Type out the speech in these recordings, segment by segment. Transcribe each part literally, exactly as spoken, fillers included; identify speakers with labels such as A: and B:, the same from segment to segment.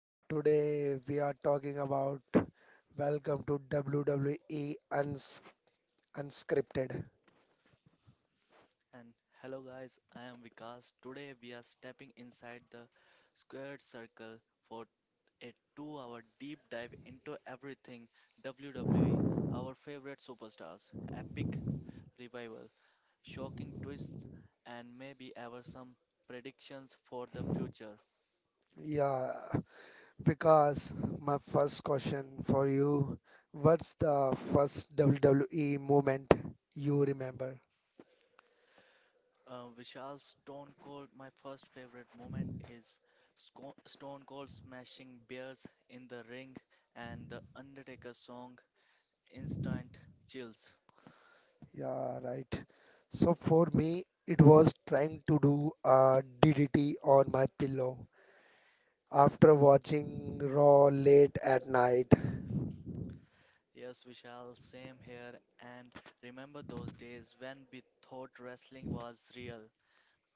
A: So today we are talking about. Welcome to W W E Uns Unscripted.
B: And hello, guys, I am Vikas. Today, we are stepping inside the squared circle for a two hour deep dive into everything W W E, our favorite superstars, epic revival, shocking twists, and maybe ever some predictions for the future.
A: Yeah, because my first question for you, what's the first W W E moment you remember?
B: Uh, Vishal Stone Cold, my first favorite moment is Sco- Stone Cold smashing bears in the ring and the Undertaker song, Instant Chills.
A: Yeah, right. So for me, it was trying to do a D D T on my pillow after watching Raw late at night.
B: Yes, Vishal, same here. And remember those days when we thought wrestling was real?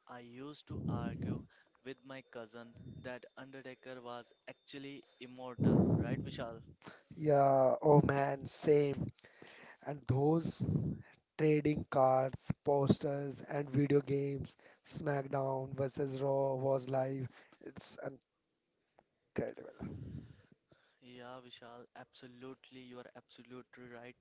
B: I used to argue with my cousin that Undertaker was actually immortal, right, Vishal?
A: Yeah, oh man, same. And those trading cards, posters, and video games, SmackDown versus Raw was live. It's incredible.
B: Yeah, Vishal, absolutely. You are absolutely right.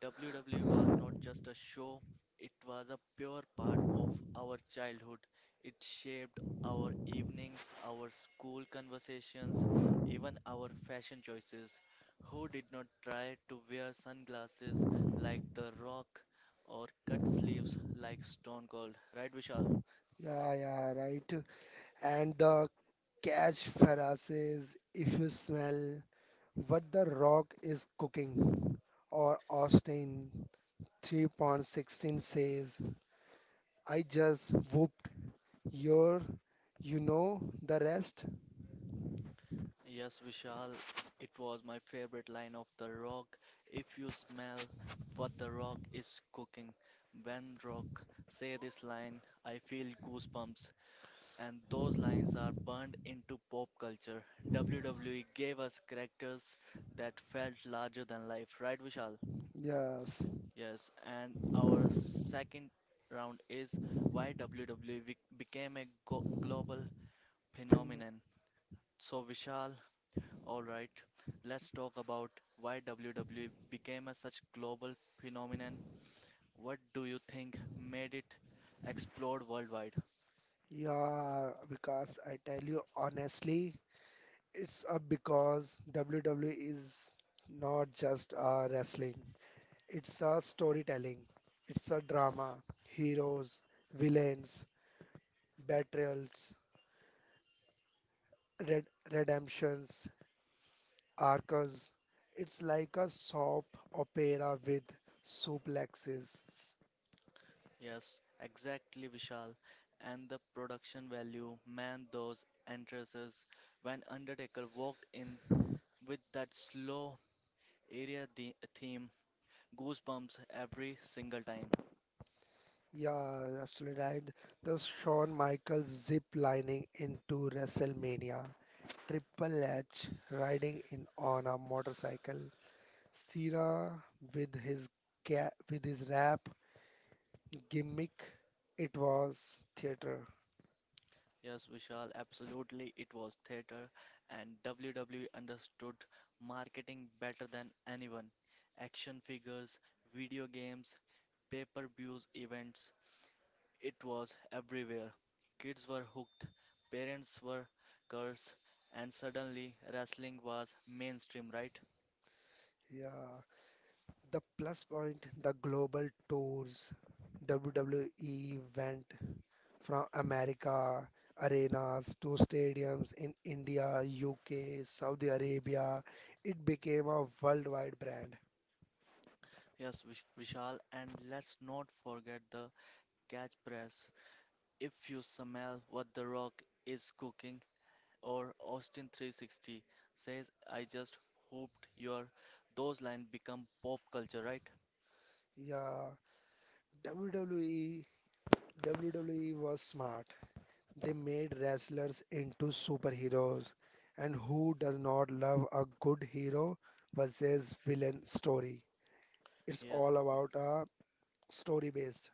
B: W W E was not just a show, it was a pure part of our childhood. It shaped our evenings, our school conversations, even our fashion choices. Who did not try to wear sunglasses like The Rock or cut sleeves like Stone Cold? Right, Vishal?
A: Yeah, yeah, right. And the catch phrases, if you smell what The Rock is cooking, or Austin three point one six says, I just whooped your, you know, the rest.
B: Yes, Vishal, it was my favorite line of The Rock. If you smell what The Rock is cooking, when Rock say this line, I feel goosebumps. And those lines are burned into pop culture. W W E gave us characters that felt larger than life, right, Vishal?
A: Yes.
B: Yes, and our second round is why W W E bec- became a go global
A: Fin-
B: phenomenon. So, Vishal, alright, let's talk about why W W E became a such global phenomenon. What do you think made it explode worldwide?
A: Yeah, because I tell you honestly, it's a because W W E is not just a wrestling. It's a storytelling. It's a drama. Heroes, villains, betrayals, red redemptions, arcs. It's like a soap opera with suplexes.
B: Yes, exactly, Vishal. And the production value, man, those entrances. When Undertaker walked in with that slow area the- theme, goosebumps every single time.
A: Yeah, absolutely right. The Shawn Michaels zip lining into WrestleMania. Triple H riding in on a motorcycle, Cena with his ga with his rap gimmick. It was theater.
B: Yes, Vishal, absolutely. It was theater, and W W E understood marketing better than anyone. Action figures, video games, pay-per-views events, it was everywhere. Kids were hooked, parents were cursed, and suddenly wrestling was mainstream, right?
A: Yeah. The plus point, the global tours, W W E went from America arenas to stadiums in India, U K, Saudi Arabia. It became a worldwide brand.
B: Yes, Vish- Vishal, and let's not forget the catch press. If you smell what The Rock is cooking, or Austin360 says, I just hoped your those lines become pop culture, right?
A: Yeah, W W E W W E was smart. They made wrestlers into superheroes, and who does not love a good hero versus villain story? It's
B: Yes,
A: all about a story based.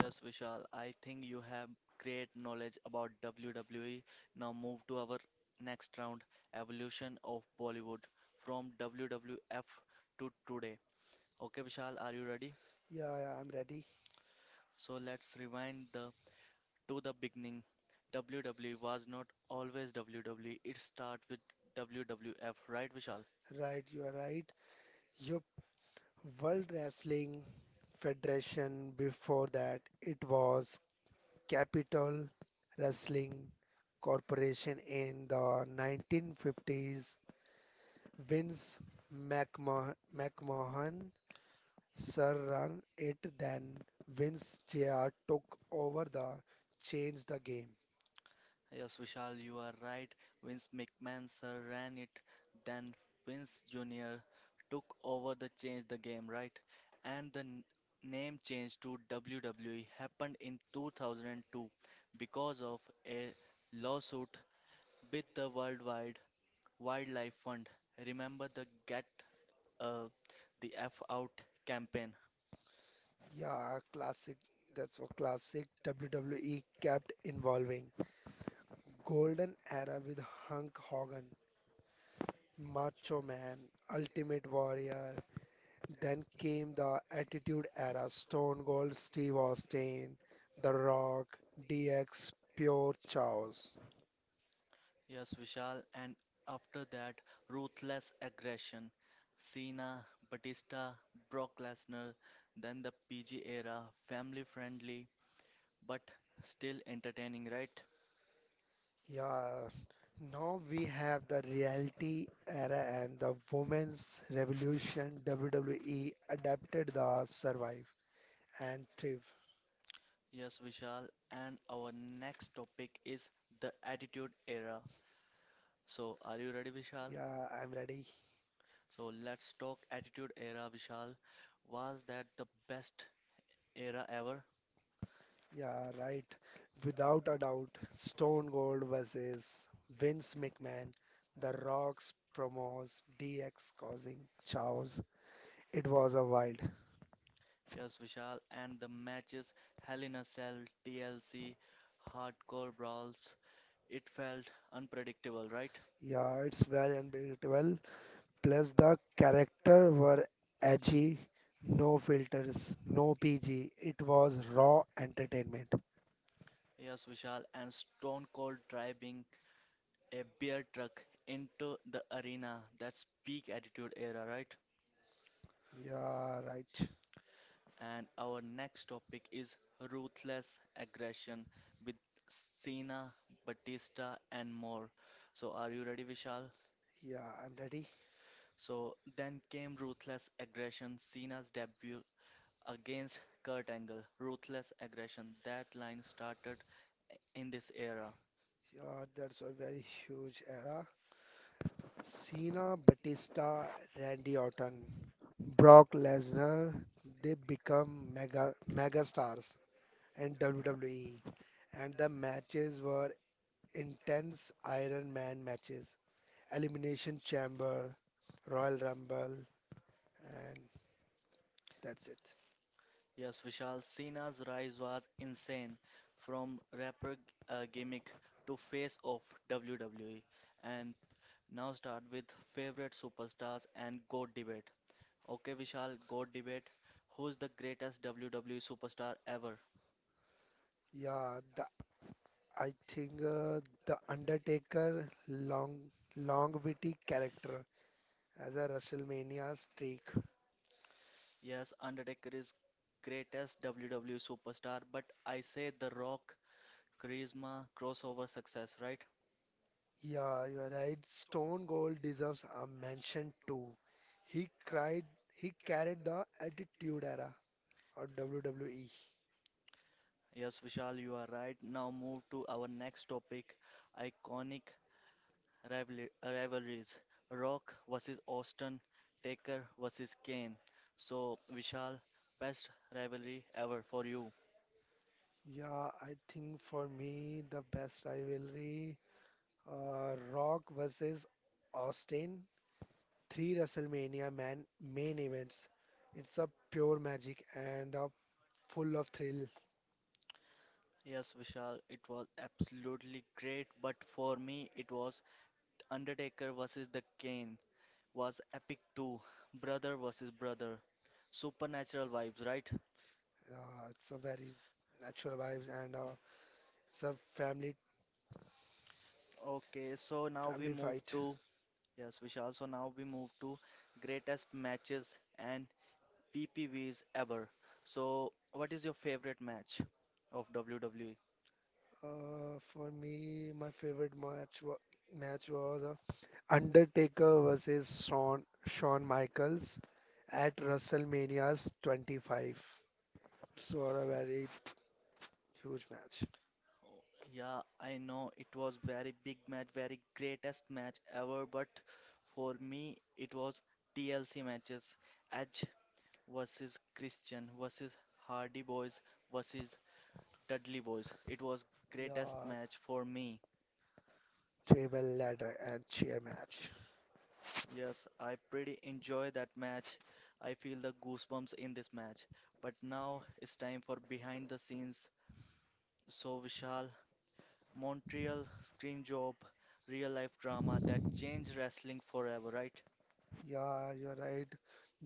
B: yes, Vishal. I think you have great knowledge about W W E. Now move to our next round, evolution of Bollywood from W W F to today. Okay, Vishal, are you ready?
A: Yeah, yeah, I'm ready.
B: So let's rewind the to the beginning. W W E was not always W W E. It started with W W F, right, Vishal?
A: Right, you are right. Yup, World Wrestling Federation. Before that, it was Capital Wrestling Corporation in the nineteen fifties. Vince McMahon, McMahon Sir ran it, then Vince Junior took over the changed the game.
B: Yes, Vishal, you are right. Vince McMahon sir ran it. Then Vince Junior took over the change the game, right? And the n- name change to W W E happened in two thousand two because of a lawsuit with the Worldwide Wildlife Fund. Remember the Get uh, the F Out campaign?
A: Yeah, classic. That's a classic. W W E kept involving. Golden era with Hulk Hogan, Macho Man, Ultimate Warrior. Then came the Attitude era, Stone Cold Steve Austin, The Rock, D X, Pure Chaos.
B: Yes, Vishal, and after that, ruthless aggression. Cena, Batista, Brock Lesnar, then the P G era, family friendly but still entertaining, right?
A: Yeah, now we have the reality era and the women's revolution. W W E adapted the survive and thrive.
B: Yes, Vishal, and our next topic is the Attitude Era. So, are you ready, Vishal?
A: Yeah, I'm ready.
B: So, let's talk Attitude Era, Vishal. Was that the best era ever?
A: Yeah, right. Without a doubt, Stone Cold versus Vince McMahon, The Rock's promos, D X causing chaos. It was a wild.
B: Yes, Vishal, and the matches Hell in a Cell, T L C, Hardcore Brawls, it felt unpredictable, right?
A: Yeah, it's very unpredictable. Plus the character were edgy, no filters, no P G. It was raw entertainment.
B: Yes, Vishal, and Stone Cold driving a beer truck into the arena. That's peak attitude era, right?
A: Yeah, right.
B: And our next topic is ruthless aggression with Cena, Batista, and more. So, are you ready, Vishal?
A: Yeah, I'm ready.
B: So, then came ruthless aggression, Cena's debut against Kurt Angle. Ruthless aggression, that line started in this era.
A: Yeah, that's a very huge era. Cena, Batista, Randy Orton, Brock Lesnar, they become mega mega stars in W W E. And the matches were intense Iron Man matches, Elimination Chamber, Royal Rumble, and that's it.
B: Yes, Vishal, Cena's rise was insane from rapper uh, gimmick to face of W W E. And now start with favorite superstars and GOAT debate. Okay, Vishal, GOAT debate. Who's the greatest W W E superstar ever?
A: Yeah, the, I think uh, the Undertaker long longevity character as a WrestleMania streak.
B: Yes, Undertaker is greatest W W E superstar, but I say The Rock, charisma, crossover success, right?
A: Yeah, you are right. Stone Cold deserves a mention too. He cried. He carried the Attitude Era or W W E.
B: Yes, Vishal, you are right. Now move to our next topic, iconic rivalry, rivalries Rock versus Austin, Taker versus Kane. So, Vishal, best rivalry ever for you.
A: Yeah, I think for me the best rivalry, uh, Rock versus Austin, three WrestleMania man main events. It's a pure magic and a full of thrill.
B: Yes, Vishal, it was absolutely great, but for me, it was Undertaker versus the Kane was epic too. Brother versus brother. Supernatural vibes, right?
A: Uh, it's a very natural vibes and uh, it's a family
B: Okay, so now we
A: family
B: move
A: fight.
B: to yes, Vishal. So now we move to greatest matches and P P Vs ever. So, what is your favorite match of W W E?
A: Uh, for me, my favorite match wa- match was uh, Undertaker versus Shawn Shawn Michaels at WrestleMania's twenty-five. So a very huge match.
B: Oh, Yeah, I know it was very big match, very greatest match ever, but for me it was T L C matches. Edge versus Christian versus Hardy Boys versus Dudley Boys. It was greatest
A: Yeah,
B: match for me.
A: table ladder and chair match.
B: Yes, I pretty enjoy that match. I feel the goosebumps in this match. But now it's time for behind the scenes. So Vishal, Montreal Scream Job, real life drama that changed wrestling forever, right?
A: Yeah, you're right.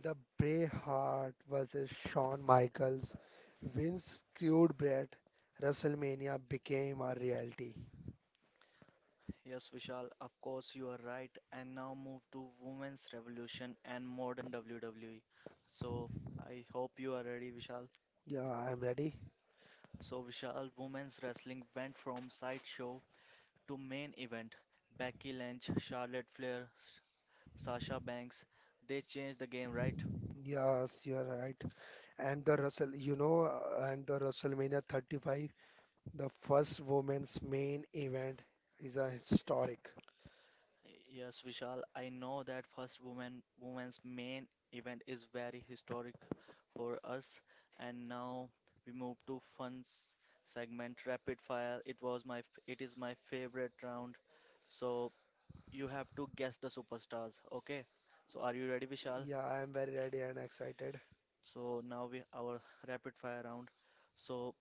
A: The Braveheart versus Shawn Michaels, Vince screwed Bret. WrestleMania became a reality.
B: Yes, Vishal, of course you are right. And now move to Women's Revolution and modern W W E. So I hope you are ready, Vishal.
A: Yeah, I'm ready.
B: So Vishal, women's wrestling went from sideshow to main event. Becky Lynch, Charlotte Flair, Sasha Banks, they changed the game, right?
A: Yes, you're right. And the Russell, you know, uh, and the WrestleMania thirty-five, the first women's main event, is a historic.
B: Yes, Vishal, I know that first woman women's main event is very historic for us. And now we move to fun s- segment rapid fire. It was my f- it is my favorite round. So you have to guess the superstars, okay? So are you ready, Vishal?
A: Yeah, I'm very ready and excited.
B: So now we our rapid fire round. So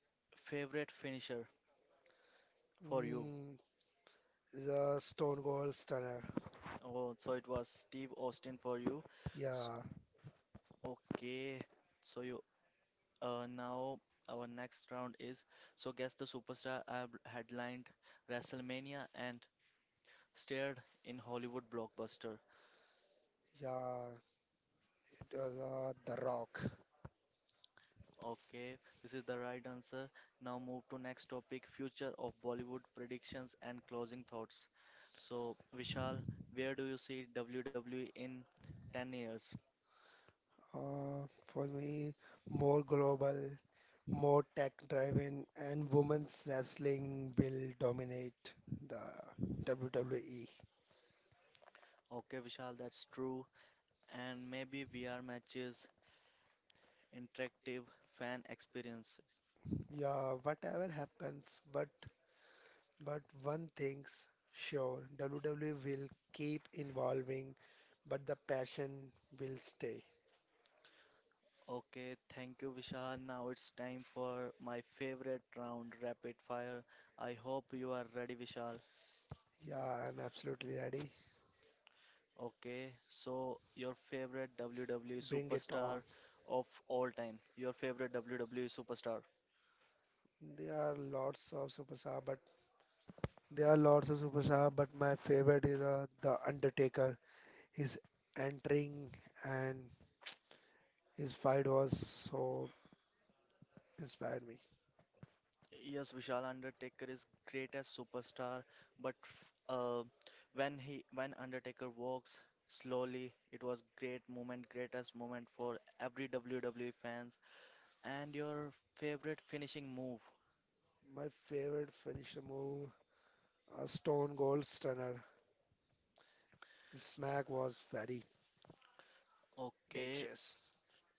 B: favorite finisher for you.
A: Mm, the Stone Cold Stunner.
B: Oh, so it was Steve Austin for you. S-
A: Yeah,
B: Okay. So you Uh, now our next round is so guess the superstar I've headlined WrestleMania and starred in Hollywood blockbuster.
A: yeah. It was uh, The Rock.
B: Okay, this is the right answer. Now move to next topic, future of Bollywood predictions and closing thoughts. So Vishal, where do you see W W E in ten years?
A: Uh, for me, more global, more tech-driven, and women's wrestling will dominate the W W E.
B: Okay, Vishal, that's true. And maybe V R matches, interactive fan experiences.
A: Yeah, whatever happens, but but one thing's sure, W W E will keep evolving, but the passion will stay.
B: Okay, thank you, Vishal. Now it's time for my favorite round, rapid fire. I hope you are ready, Vishal.
A: Yeah, I'm absolutely ready.
B: Okay, so your favorite W W E
A: Bring it on.
B: superstar of all time. Your favorite W W E superstar.
A: There are lots of superstar, but there are lots of superstar, but my favorite is uh, the Undertaker. His entering and his fight was so inspired me.
B: Yes, Vishal, Undertaker is greatest superstar, but uh, when he when Undertaker walks slowly, it was great moment, greatest moment for every W W E fans. And your favorite finishing move.
A: My favorite finisher move, a Stone Cold Stunner. His smack was very
B: Okay,
A: dangerous.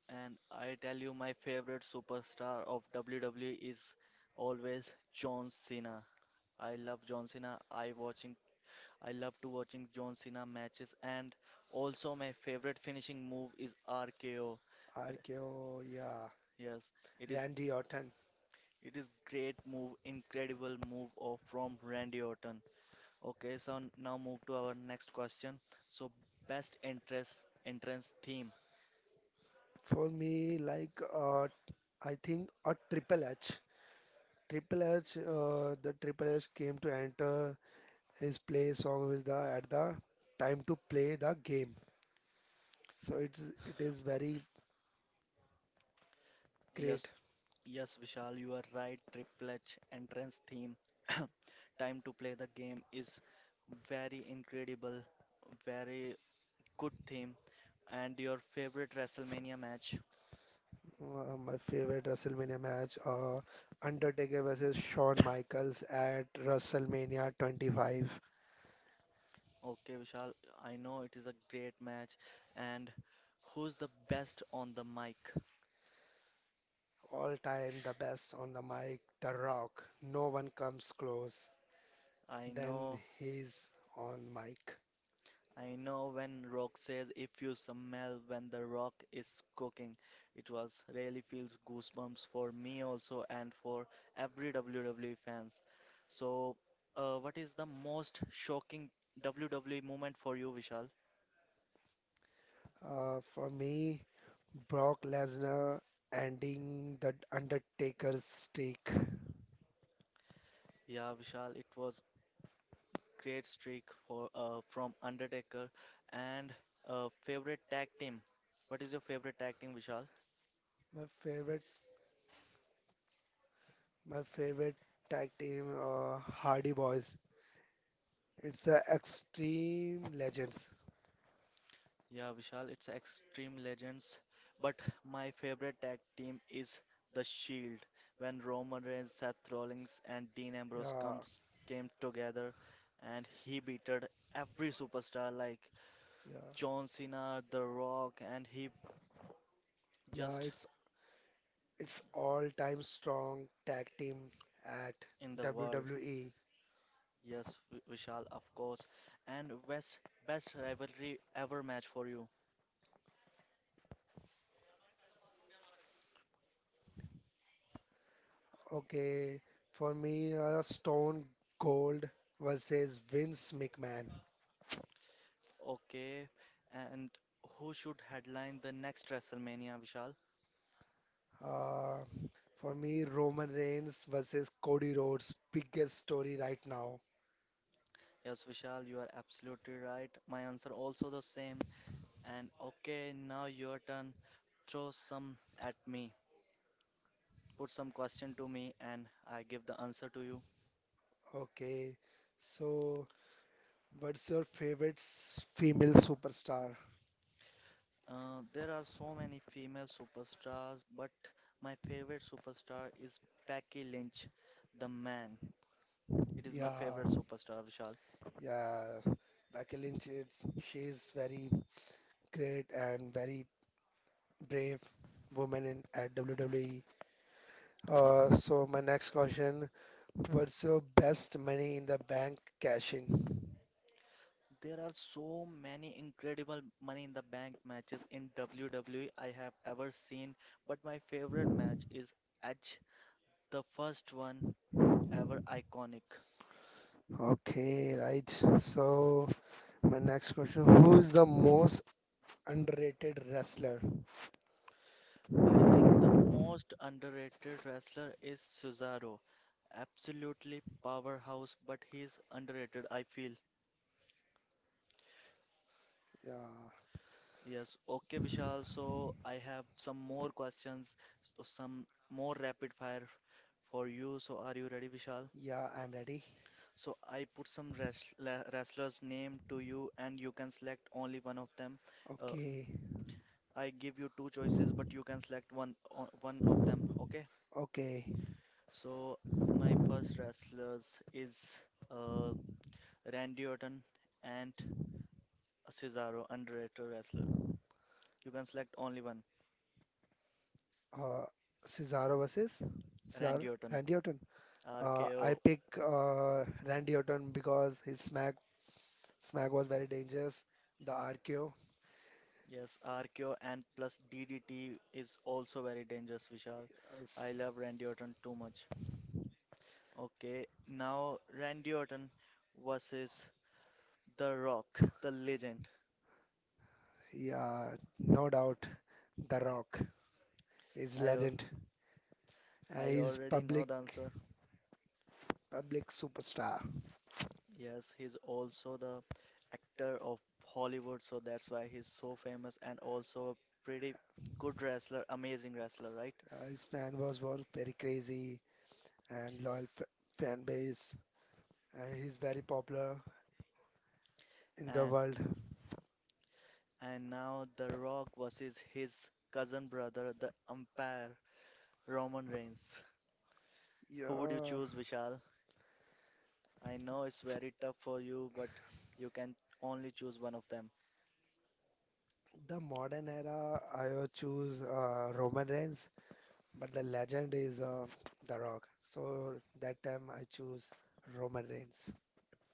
B: and I tell you, my favorite superstar of W W E is always John Cena. I love John Cena. I watching, I love to watching John Cena matches, and also my favorite finishing move is R K O.
A: R K O, yeah.
B: Yes, it is.
A: Randy Orton.
B: It is great move, incredible move of from Randy Orton. Okay, so n- now move to our next question. So best entrance entrance theme.
A: For me, like uh, I think a Triple H. Triple H, uh, the Triple H came to enter his play song with the at the time to play the game. So it's it is very great.
B: Yes, Yes, Vishal, you are right. Triple H entrance theme, time to play the game is very incredible, very good theme. And your favorite WrestleMania match?
A: Uh, my favorite WrestleMania match, uh, Undertaker versus Shawn Michaels at WrestleMania twenty-five.
B: Okay, Vishal, I know it is a great match. And who's the best on the mic?
A: All time the best on the mic, The Rock. No one comes close.
B: I
A: Then
B: know
A: he's on mic.
B: I know when Rock says if you smell when the rock is cooking, it was really feels goosebumps for me also and for every W W E fans. So, uh, what is the most shocking W W E moment for you, Vishal?
A: Uh, for me, Brock Lesnar ending the Undertaker's streak.
B: Yeah, Vishal, it was great streak for uh, from Undertaker and uh, favorite tag team. What is your favorite tag team, Vishal?
A: My favorite, my favorite tag team, uh, Hardy Boys. It's the Extreme Legends.
B: Yeah, Vishal, it's Extreme Legends, but my favorite tag team is The Shield. When Roman Reigns, Seth Rollins, and Dean Ambrose
A: Yeah,
B: comes came together, and he beated every superstar like
A: yeah,
B: John Cena, The Rock, and he
A: yeah.
B: just
A: It's It's all-time strong tag team at
B: in the world.
A: W W E.
B: Yes, Vi- Vishal, of course. And best best rivalry ever match for you.
A: Okay, for me, uh, Stone Cold versus Vince McMahon.
B: Okay, and who should headline the next WrestleMania, Vishal?
A: Uh, for me, Roman Reigns versus Cody Rhodes, biggest story right now.
B: Yes, Vishal, you are absolutely right. My answer also the same. And okay, now your turn. Throw some at me. Put some question to me, and I give the answer to you.
A: Okay, so what's your favorite s- female superstar?
B: Uh, there are so many female superstars, but my favorite superstar is Becky Lynch, the man. It is my
A: Yeah,
B: favorite superstar, Vishal.
A: yeah, Becky Lynch. It's she's very great and very brave woman in at W W E.
B: Y-
A: Uh, so my next question, what's your best money in the bank cashing?
B: There are so many incredible Money in the Bank matches in W W E I have ever seen, but my favorite match is Edge, the first one ever iconic.
A: Okay, right. So my next question, who's the most underrated wrestler?
B: I think the most underrated wrestler is Cesaro. Absolutely powerhouse, but he's underrated, I feel.
A: Yeah,
B: Yes, okay, Vishal. So I have some more questions, so some more rapid fire for you. So are you ready, Vishal?
A: yeah, I'm ready.
B: So I put some wrest- la- wrestlers' name to you, and you can select only one of them. Uh,
A: Okay,
B: I give you two choices, but you can select one o- one of them. Okay?
A: okay.
B: So my first wrestlers is uh, Randy Orton and Cesaro, underrated wrestler. You can select only one,
A: Uh, Cesaro versus Cesaro,
B: Randy Orton.
A: Randy Orton. Uh, I
B: R K O,
A: pick uh, Randy Orton because his smack smack was very dangerous. The R K O.
B: yes, R K O and plus D D T is also very dangerous, Vishal.
A: Yes.
B: I love Randy Orton too much. Okay, now Randy Orton versus The Rock, the legend.
A: Yeah, no doubt. The Rock is
B: I al-
A: legend. And
B: I
A: he's
B: already
A: public
B: know the answer.
A: public superstar.
B: Yes, he's also the actor of Hollywood, so that's why he's so famous and also a pretty good wrestler, amazing wrestler, right?
A: Uh, his fan was was very crazy and loyal f fan base. And he's very popular in the
B: And
A: world.
B: and now The Rock versus his cousin brother, the umpire, Roman Reigns. Who would you
A: Yeah,
B: choose, Vishal? I know it's very tough for you, but you can only choose one of them.
A: the modern era I would choose uh, Roman Reigns, but the legend is uh, The Rock. So that time I choose Roman Reigns.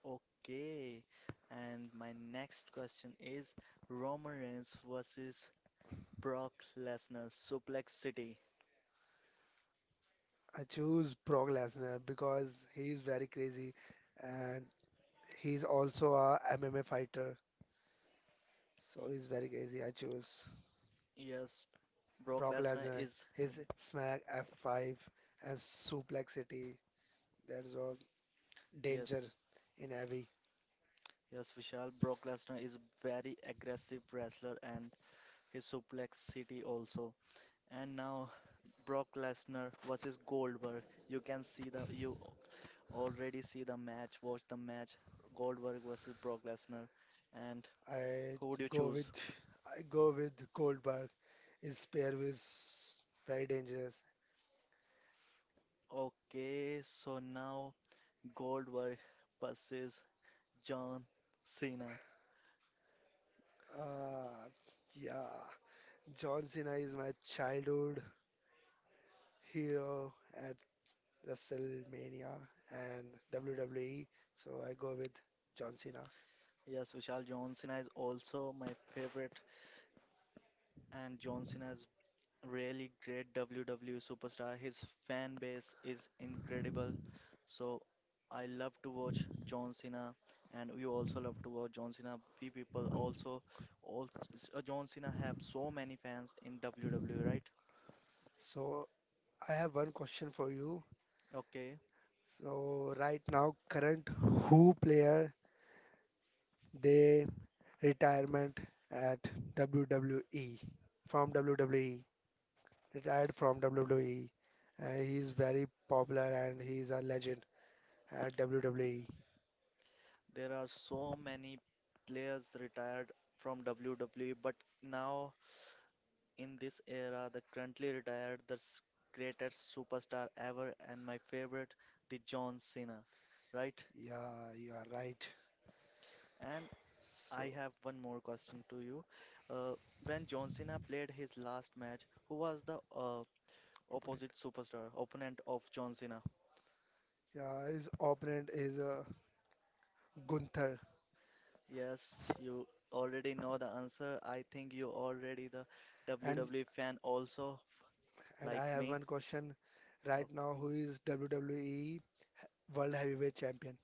B: Okay. And my next question is Roman Reigns versus Brock Lesnar, Suplex City.
A: I choose Brock Lesnar because he is very crazy, and he's also a M M A fighter, so
B: Y-
A: he's very easy. I choose
B: Yes, Brock
A: Brock
B: Lesnar
A: Lesnar.
B: is
A: His smack F five and suplexity. That's all
B: yes,
A: danger in every.
B: yes, Vishal. Brock Lesnar is very aggressive wrestler and his suplex city also. And now Brock Lesnar versus Goldberg. You can see the you already see the match. Watch the match. Goldberg versus Brock Lesnar. And
A: I
B: who would you
A: go
B: choose?
A: with I go with Goldberg. His spear is very dangerous.
B: Okay, so now Goldberg versus John Cena.
A: Uh, yeah, John Cena is my childhood hero at WrestleMania and W W E, so I go with John Cena.
B: Yes, Vishal, John Cena is also my favorite and John Cena's really great W W E superstar. His fan base is incredible. So I love to watch John Cena, and we also love to watch John Cena. We people also, also uh, John Cena have so many fans in W W E, right?
A: So I have one question for you.
B: Okay,
A: So right now, current who player they retirement at W W E from W W E, retired from W W E. Uh, he's very popular and he's a legend at W W E.
B: there are so many players retired from W W E, but now in this era, the currently retired, the s- greatest superstar ever, and my favorite, the John Cena, right?
A: Yeah, you are right.
B: And I
A: So
B: have one more question to you. Uh, when John Cena played his last match, who was the uh,
A: opponent,
B: opposite superstar, opponent of John Cena?
A: yeah, his opponent is uh, Gunther.
B: Yes, you already know the answer. I think you already the
A: and
B: W W E fan also,
A: And I
B: like
A: have
B: me.
A: one question right
B: Okay.
A: now. Who is W W E World Heavyweight Champion?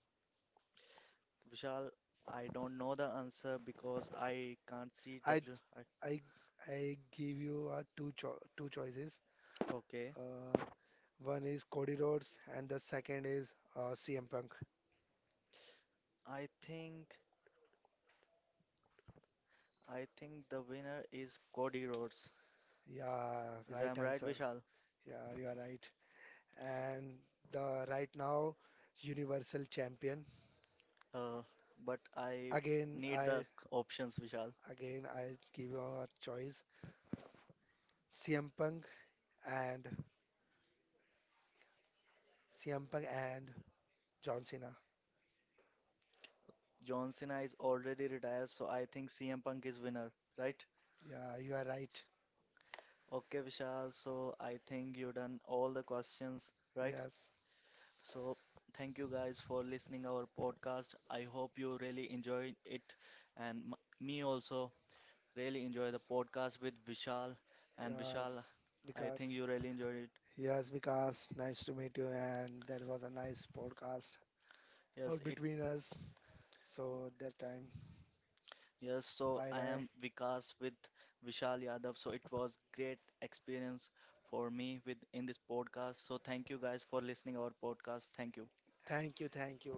B: Vishal, I don't know the answer because I can't see
A: I
B: W. I,
A: I I give you uh, two cho two choices.
B: okay.
A: Uh, One is Cody Rhodes and the second is uh, C M Punk.
B: I think I think the winner is Cody Rhodes.
A: Yeah,
B: Is
A: right
B: I'm right,
A: answer.
B: Vishal?
A: Yeah, you are right. And the right now Universal Champion.
B: Uh, but I
A: Again,
B: need the
A: I
B: c- options, Vishal.
A: again I give you a choice. C M Punk and C M Punk and John Cena.
B: John Cena is already retired, so I think C M Punk is winner, right?
A: Yeah, you are right.
B: Okay, Vishal. So I think you done all the questions, right?
A: Yes.
B: So thank you guys for listening our podcast. I hope you really enjoyed it, and m me also. Really enjoy the podcast with Vishal. And Vishal,
A: Yes.
B: I think
A: Because.
B: you really enjoyed it.
A: Yes, because nice to meet you, and that was a nice podcast for
B: Yes, it.
A: between us. So that time,
B: Yes, so
A: bye
B: I
A: bye.
B: am Vikas with Vishal Yadav. So it was great experience for me with in this podcast. So thank you guys for listening our podcast. Thank you.
A: Thank you, thank you.